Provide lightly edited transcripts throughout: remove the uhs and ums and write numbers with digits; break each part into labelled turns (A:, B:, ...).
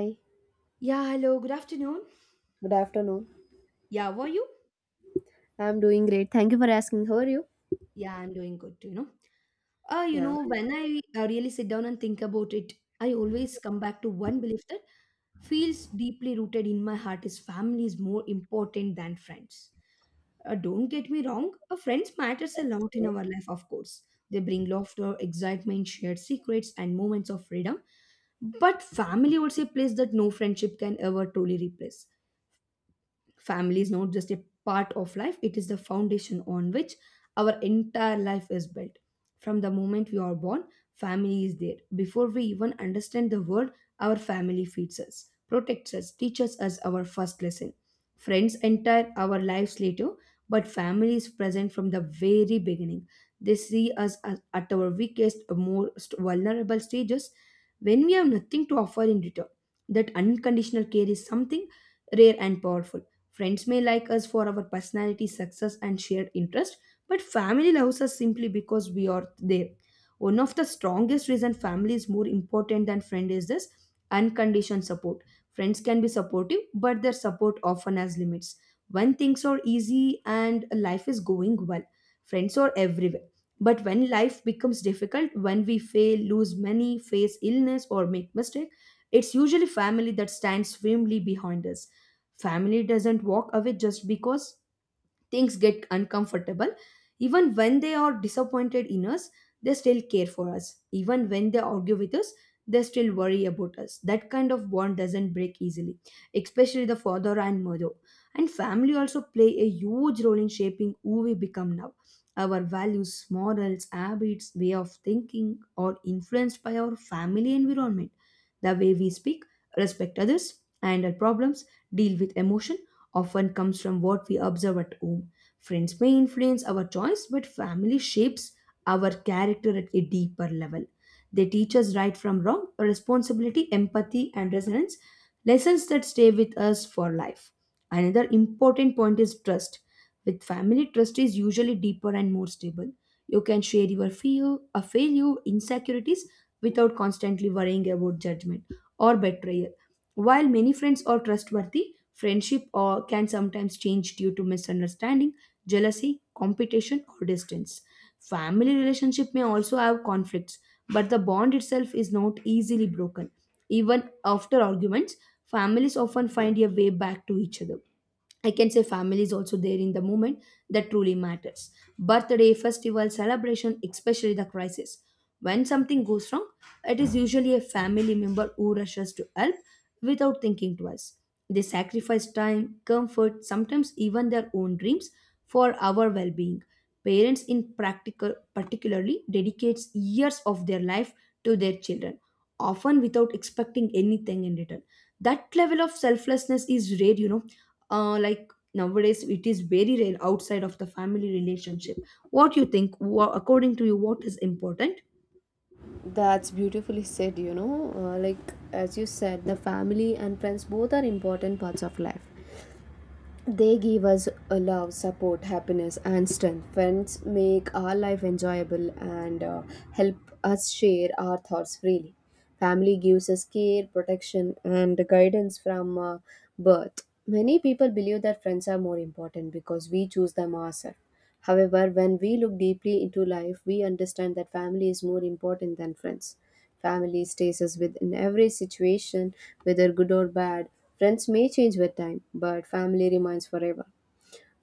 A: Hi,
B: Yeah, hello, good afternoon.
A: good afternoon.
B: Yeah, how are you?
A: I'm doing great. Thank you for asking. How are you?
B: Yeah, I'm doing good too.
A: Yeah,
B: When I really sit down and think about it, I always come back to one belief that feels deeply rooted in my heart is family is more important than friends. Don't get me wrong, friends matters a lot in our life, of course. They bring laughter, excitement, shared secrets, and moments of freedom. But family also a place that no friendship can ever truly replace. Family is not just a part of life, it is the foundation on which our entire life is built. From the moment we are born, family is there before we even understand the world. Our family feeds us, protects us, teaches us our first lesson. Friends enter our lives later, but family is present from the very beginning. They at our weakest, most vulnerable stages, when we have nothing to offer in return. That unconditional care is something rare and powerful. Friends may like us for our personality, success, and shared interest, but family loves us simply because we are there. One of the strongest reason family is more important than friend is this unconditioned support. Friends can be supportive, but their support often has limits. When things are easy and life is going well, friends are everywhere. But when life becomes difficult, when we fail, lose money, face illness, or make mistake, it's usually family that stands firmly behind us. Family doesn't walk away just because things get uncomfortable. Even when they are disappointed in us, they still care for us. Even when they argue with us, they still worry about us. That kind of bond doesn't break easily, especially the father and mother. And family also play a huge role in shaping who we become now. Our values, morals, habits, way of thinking are influenced by our family environment. The way we speak, respect others, handle problems, deal with emotion, often comes from what we observe at home. Friends may influence our choice, but family shapes our character at a deeper level. They teach us right from wrong, responsibility, empathy, and resilience, lessons that stay with us for life. Another important point is trust. With family, trust is usually deeper and more stable. You can share your fear, a failure, insecurities without constantly worrying about judgment or betrayal. While many friends are trustworthy, friendship or can sometimes change due to misunderstanding, jealousy, competition, or distance. Family relationship may also have conflicts, but the bond itself is not easily broken. Even after arguments, families often find a way back to each other. I can say family is also there in the moment that truly matters. Birthday, festival, celebration, especially the crisis. When something goes wrong, it is usually a family member who rushes to help without thinking twice. They sacrifice time, comfort, sometimes even their own dreams for our well-being. Parents in practical particularly dedicates years of their life to their children, often without expecting anything in return. That level of selflessness is rare, like nowadays it is very rare outside of the family relationship. What you think, according to you what is important?
A: that's beautifully said. Like as you said, the family and friends both are important parts of life. They give us a love, support, happiness, and strength. Friends make our life enjoyable and help us share our thoughts freely. Family gives us care, protection, and guidance from birth. Many people believe that friends are more important because we choose them ourselves. However, when we look deeply into life, we understand that family is more important than friends. Family stays us with in every situation, whether good or bad. Friends may change with time, but family remains forever.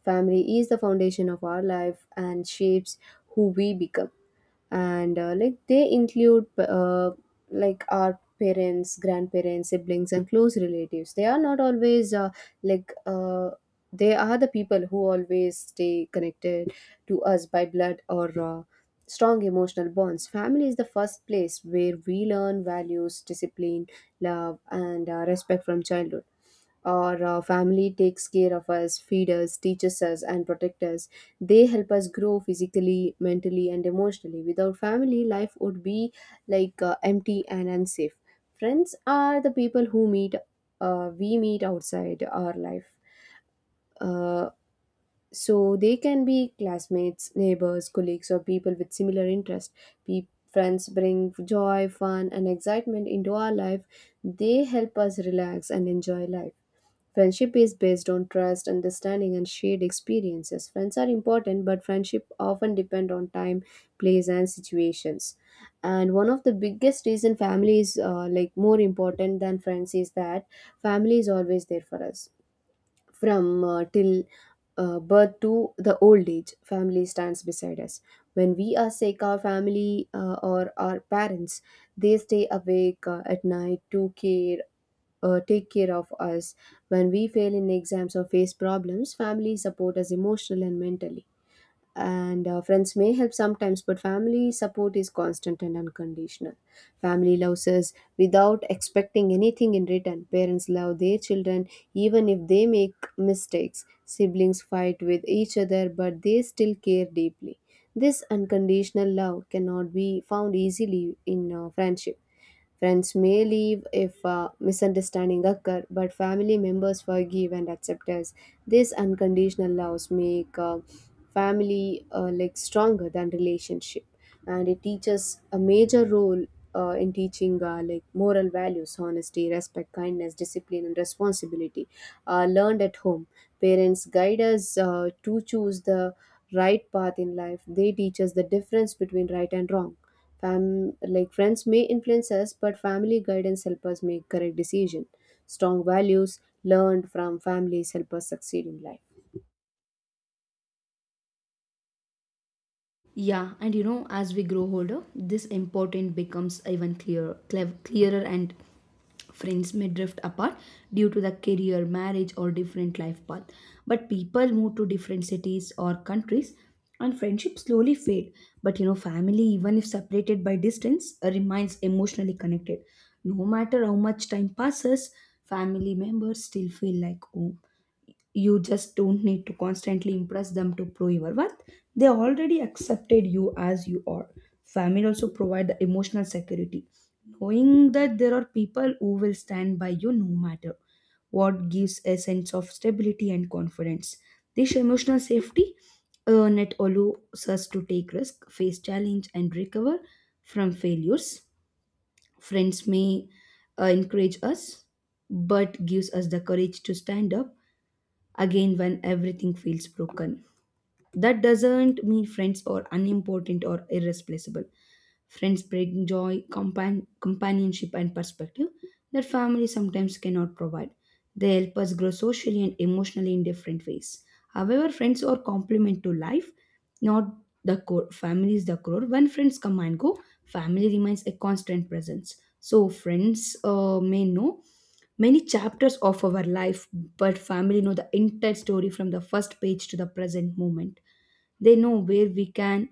A: Family is the foundation of our life and shapes who we become, and like they include like our parents grandparents siblings and close relatives they are not always like uh, they are the people who always stay connected to us by blood, or strong emotional bonds. Family is the first place where we learn values, discipline, love, and respect from childhood. Our family takes care of us, feed us, teaches us, and protects us. They help us grow physically, mentally, and emotionally. Without family, life would be empty and unsafe. Friends are the people who meet, we meet outside our life. Uh, so they can be classmates, neighbors, colleagues, or people with similar interests. Pe- Friends bring joy, fun, and excitement into our life. They help us relax and enjoy life. Friendship is based on trust, understanding, and shared experiences. Friends are important, but friendship often depend on time, place, and situations. And one of the biggest reason family is like more important than friends is that family is always there for us from till birth to the old age. Family stands beside us. When we are sick, our family or our parents, they stay awake at night to care, take care of us. When we fail in exams or face problems, family support us emotionally and mentally. And friends may help sometimes, but family support is constant and unconditional. Family loves us without expecting anything in return. Parents love their children even if they make mistakes. Siblings fight with each other, but they still care deeply. This unconditional love cannot be found easily in friendship. Friends may leave if misunderstanding occur, but family members forgive and accept us. This unconditional love make family like stronger than relationship, and it teaches a major role in teaching like moral values, honesty, respect, kindness, discipline, and responsibility learned at home. Parents guide us to choose the right path in life. They teach us the difference between right and wrong. Like friends may influence us, but family guidance help us make correct decision. Strong values learned from families help us succeed in life.
B: Yeah, and you know, as we grow older, this important becomes even clearer, and friends may drift apart due to the career, marriage, or different life path. But people move to different cities or countries, and friendships slowly fade. But you know, family, even if separated by distance, remains emotionally connected. No matter how much time passes, family members still feel like home. You just don't need to constantly impress them to prove your worth. They already accepted you as you are. Family also provide the emotional security, knowing that there are people who will stand by you no matter what, gives a sense of stability and confidence. This emotional safety net allows us to take risk, face challenge, and recover from failures. Friends may encourage us, but gives us the courage to stand up again when everything feels broken. That doesn't mean friends are unimportant or irreplaceable. Friends bring joy, companionship, and perspective that family sometimes cannot provide. They help us grow socially and emotionally in different ways. However, friends are complement to life, not the core. Family is the core. When friends come and go, family remains a constant presence. So, friends may know many chapters of our life, but family know the entire story from the first page to the present moment. They know where we can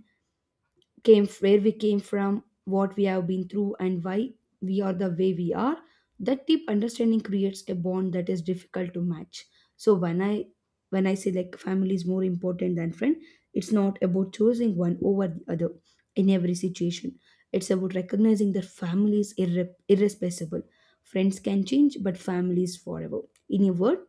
B: came where we came from, what we have been through, and why we are the way we are. That deep understanding creates a bond that is difficult to match. So when I say like family is more important than friend, it's not about choosing one over the other in every situation. It's about recognizing that family is irresponsible. Friends can change, but family is forever. In a word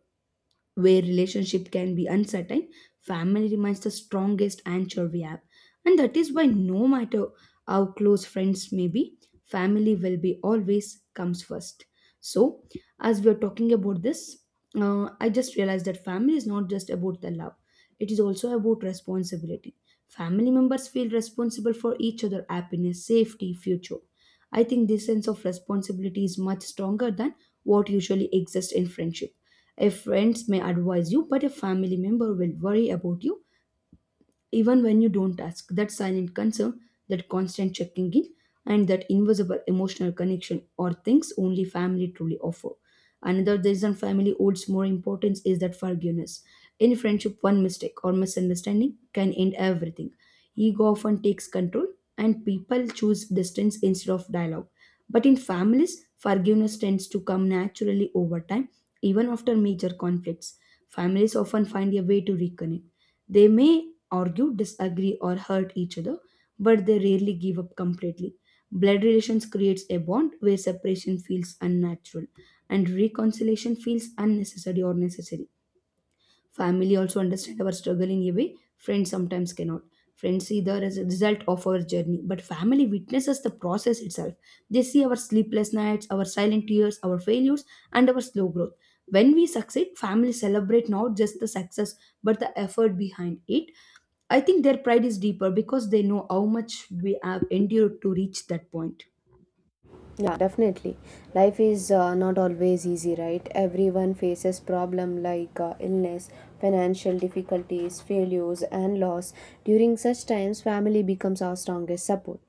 B: where relationship can be uncertain, family remains the strongest anchor we have. And that is why no matter how close friends may be, family will be always comes first. So, as we are talking about this, I just realized that family is not just about the love; it is also about responsibility. Family members feel responsible for each other' happiness, safety, future. I think this sense of responsibility is much stronger than what usually exists in friendship. If friends may advise you, but a family member will worry about you even when you don't ask. That silent concern, that constant checking in, and that invisible emotional connection are things only family truly offer. Another reason family holds more importance is that forgiveness. In friendship, one mistake or misunderstanding can end everything. Ego often takes control, and people choose distance instead of dialogue. But in families, forgiveness tends to come naturally over time, even after major conflicts. Families often find a way to reconnect. They may argue, disagree, or hurt each other, but they rarely give up completely. Blood relations creates a bond where separation feels unnatural and reconciliation feels unnecessary or necessary. Family also understand our struggle in a way friends sometimes cannot. Friends see the result of our journey, but family witnesses the process itself. They see our sleepless nights, our silent tears, our failures, and our slow growth. When we succeed, family celebrate not just the success but the effort behind it. I think their pride is deeper because they know how much we have endured to reach that point.
A: Yeah, definitely. Life is not always easy, right? Everyone faces problem like illness, financial difficulties, failures, and loss. During such times, family becomes our strongest support.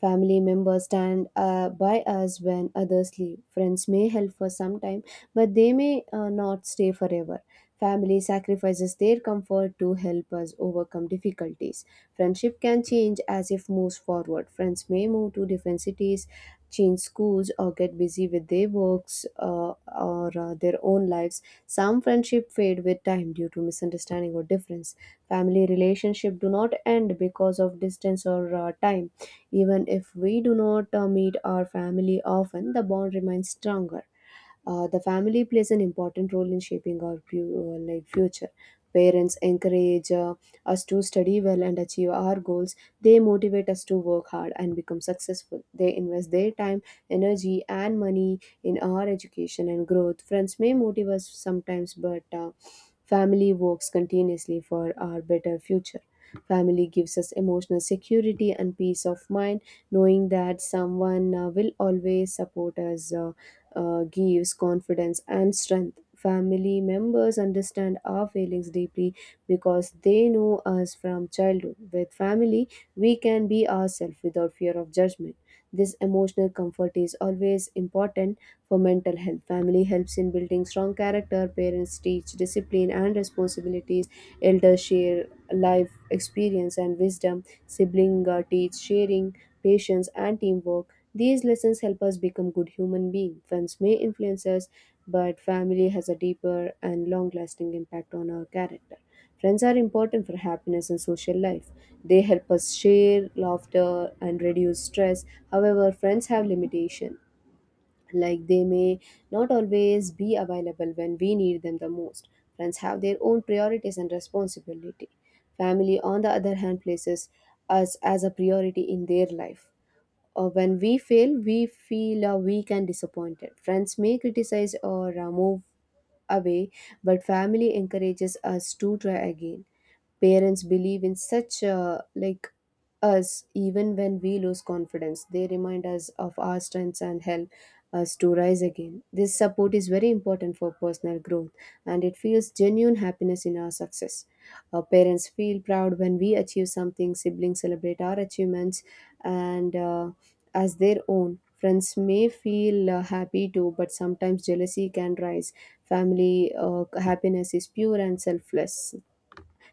A: Family members stand by us when others leave. Friends may help for some time, but they may not stay forever. Family sacrifices their comfort to help us overcome difficulties. Friendship can change as if moves forward. Friends may move to different cities, change schools, or get busy with their works or their own lives. Some friendship fade with time due to misunderstanding or difference. Family relationship do not end because of distance or time. Even if we do not meet our family often, the bond remains stronger. The family plays an important role in shaping our like future. Parents encourage us to study well and achieve our goals. They motivate us to work hard and become successful. They invest their time, energy, and money in our education and growth. Friends may motivate us sometimes, but family works continuously for our better future. Family gives us emotional security and peace of mind, knowing that someone will always support us. Gives confidence and strength. Family members understand our feelings deeply because they know us from childhood. With family, we can be ourselves without fear of judgment. This emotional comfort is always important for mental health. Family helps in building strong character. Parents teach discipline and responsibilities. Elders share life experience and wisdom. Siblings teach sharing, patience, and teamwork. These lessons help us become good human beings. Friends may influence us, but family has a deeper and long lasting impact on our character. Friends are important for happiness and social life. They help us share laughter and reduce stress. However, friends have limitation. Like they may not always be available when we need them the most. Friends have their own priorities and responsibility. Family, on the other hand, places us as a priority in their life. When we fail, we feel weak and disappointed. Friends may criticize or move away, but family encourages us to try again. Parents believe in such like us even when we lose confidence. They remind us of our strengths and help us to rise again. This support is very important for personal growth, and it feels genuine happiness in our success. Our parents feel proud when we achieve something. Siblings celebrate our achievements, and as their own. Friends may feel happy too, but sometimes jealousy can rise. Family happiness is pure and selfless.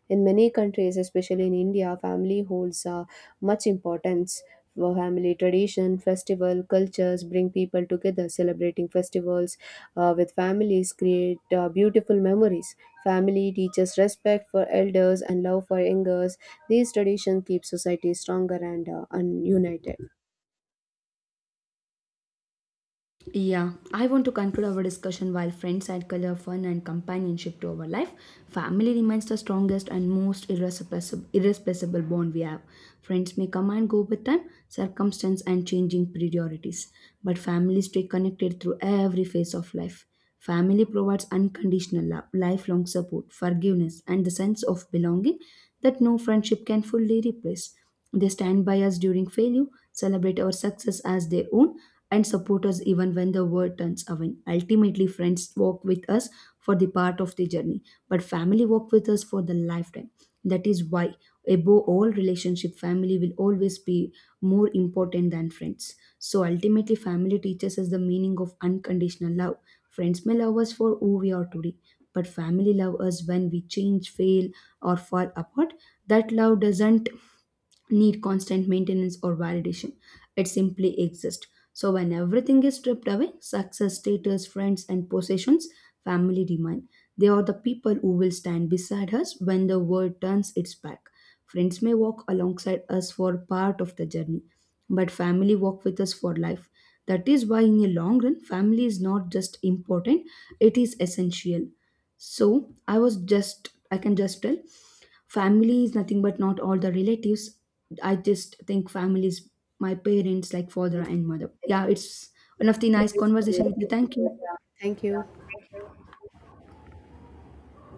A: In many countries, especially in India, family holds much importance. For family tradition, festival, cultures bring people together. Celebrating festivals with families create beautiful memories. Family teaches respect for elders and love for younger. These traditions keep society stronger and united.
B: Yeah, I want to conclude our discussion while friends add color, fun, and companionship to our life. Family remains the strongest and most irreplaceable bond we have. Friends may come and go with time, circumstance, and changing priorities, but family stay connected through every phase of life. Family provides unconditional love, lifelong support, forgiveness, and the sense of belonging that no friendship can fully replace. They stand by us during failure, celebrate our success as their own, and support us even when the world turns away. Ultimately, friends walk with us for the part of the journey, but family walk with us for the lifetime. That is why, above all relationship, family will always be more important than friends. So, ultimately, family teaches us the meaning of unconditional love. Friends may love us for who we are today, but family love us when we change, fail, or fall apart. That love doesn't need constant maintenance or validation. It simply exists. So when everything is stripped away, success, status, friends, and possessions, family remain. They are the people who will stand beside us when the world turns its back. Friends may walk alongside us for part of the journey, but family walk with us for life. That is why in a long run, family is not just important, it is essential. So I can just tell family is nothing but not all the relatives. I just think family is my parents, like father and mother. Yeah, it's one of the nice
A: Nice
B: conversation
A: conversation.
B: with you. Thank you.
A: Yeah. Thank you.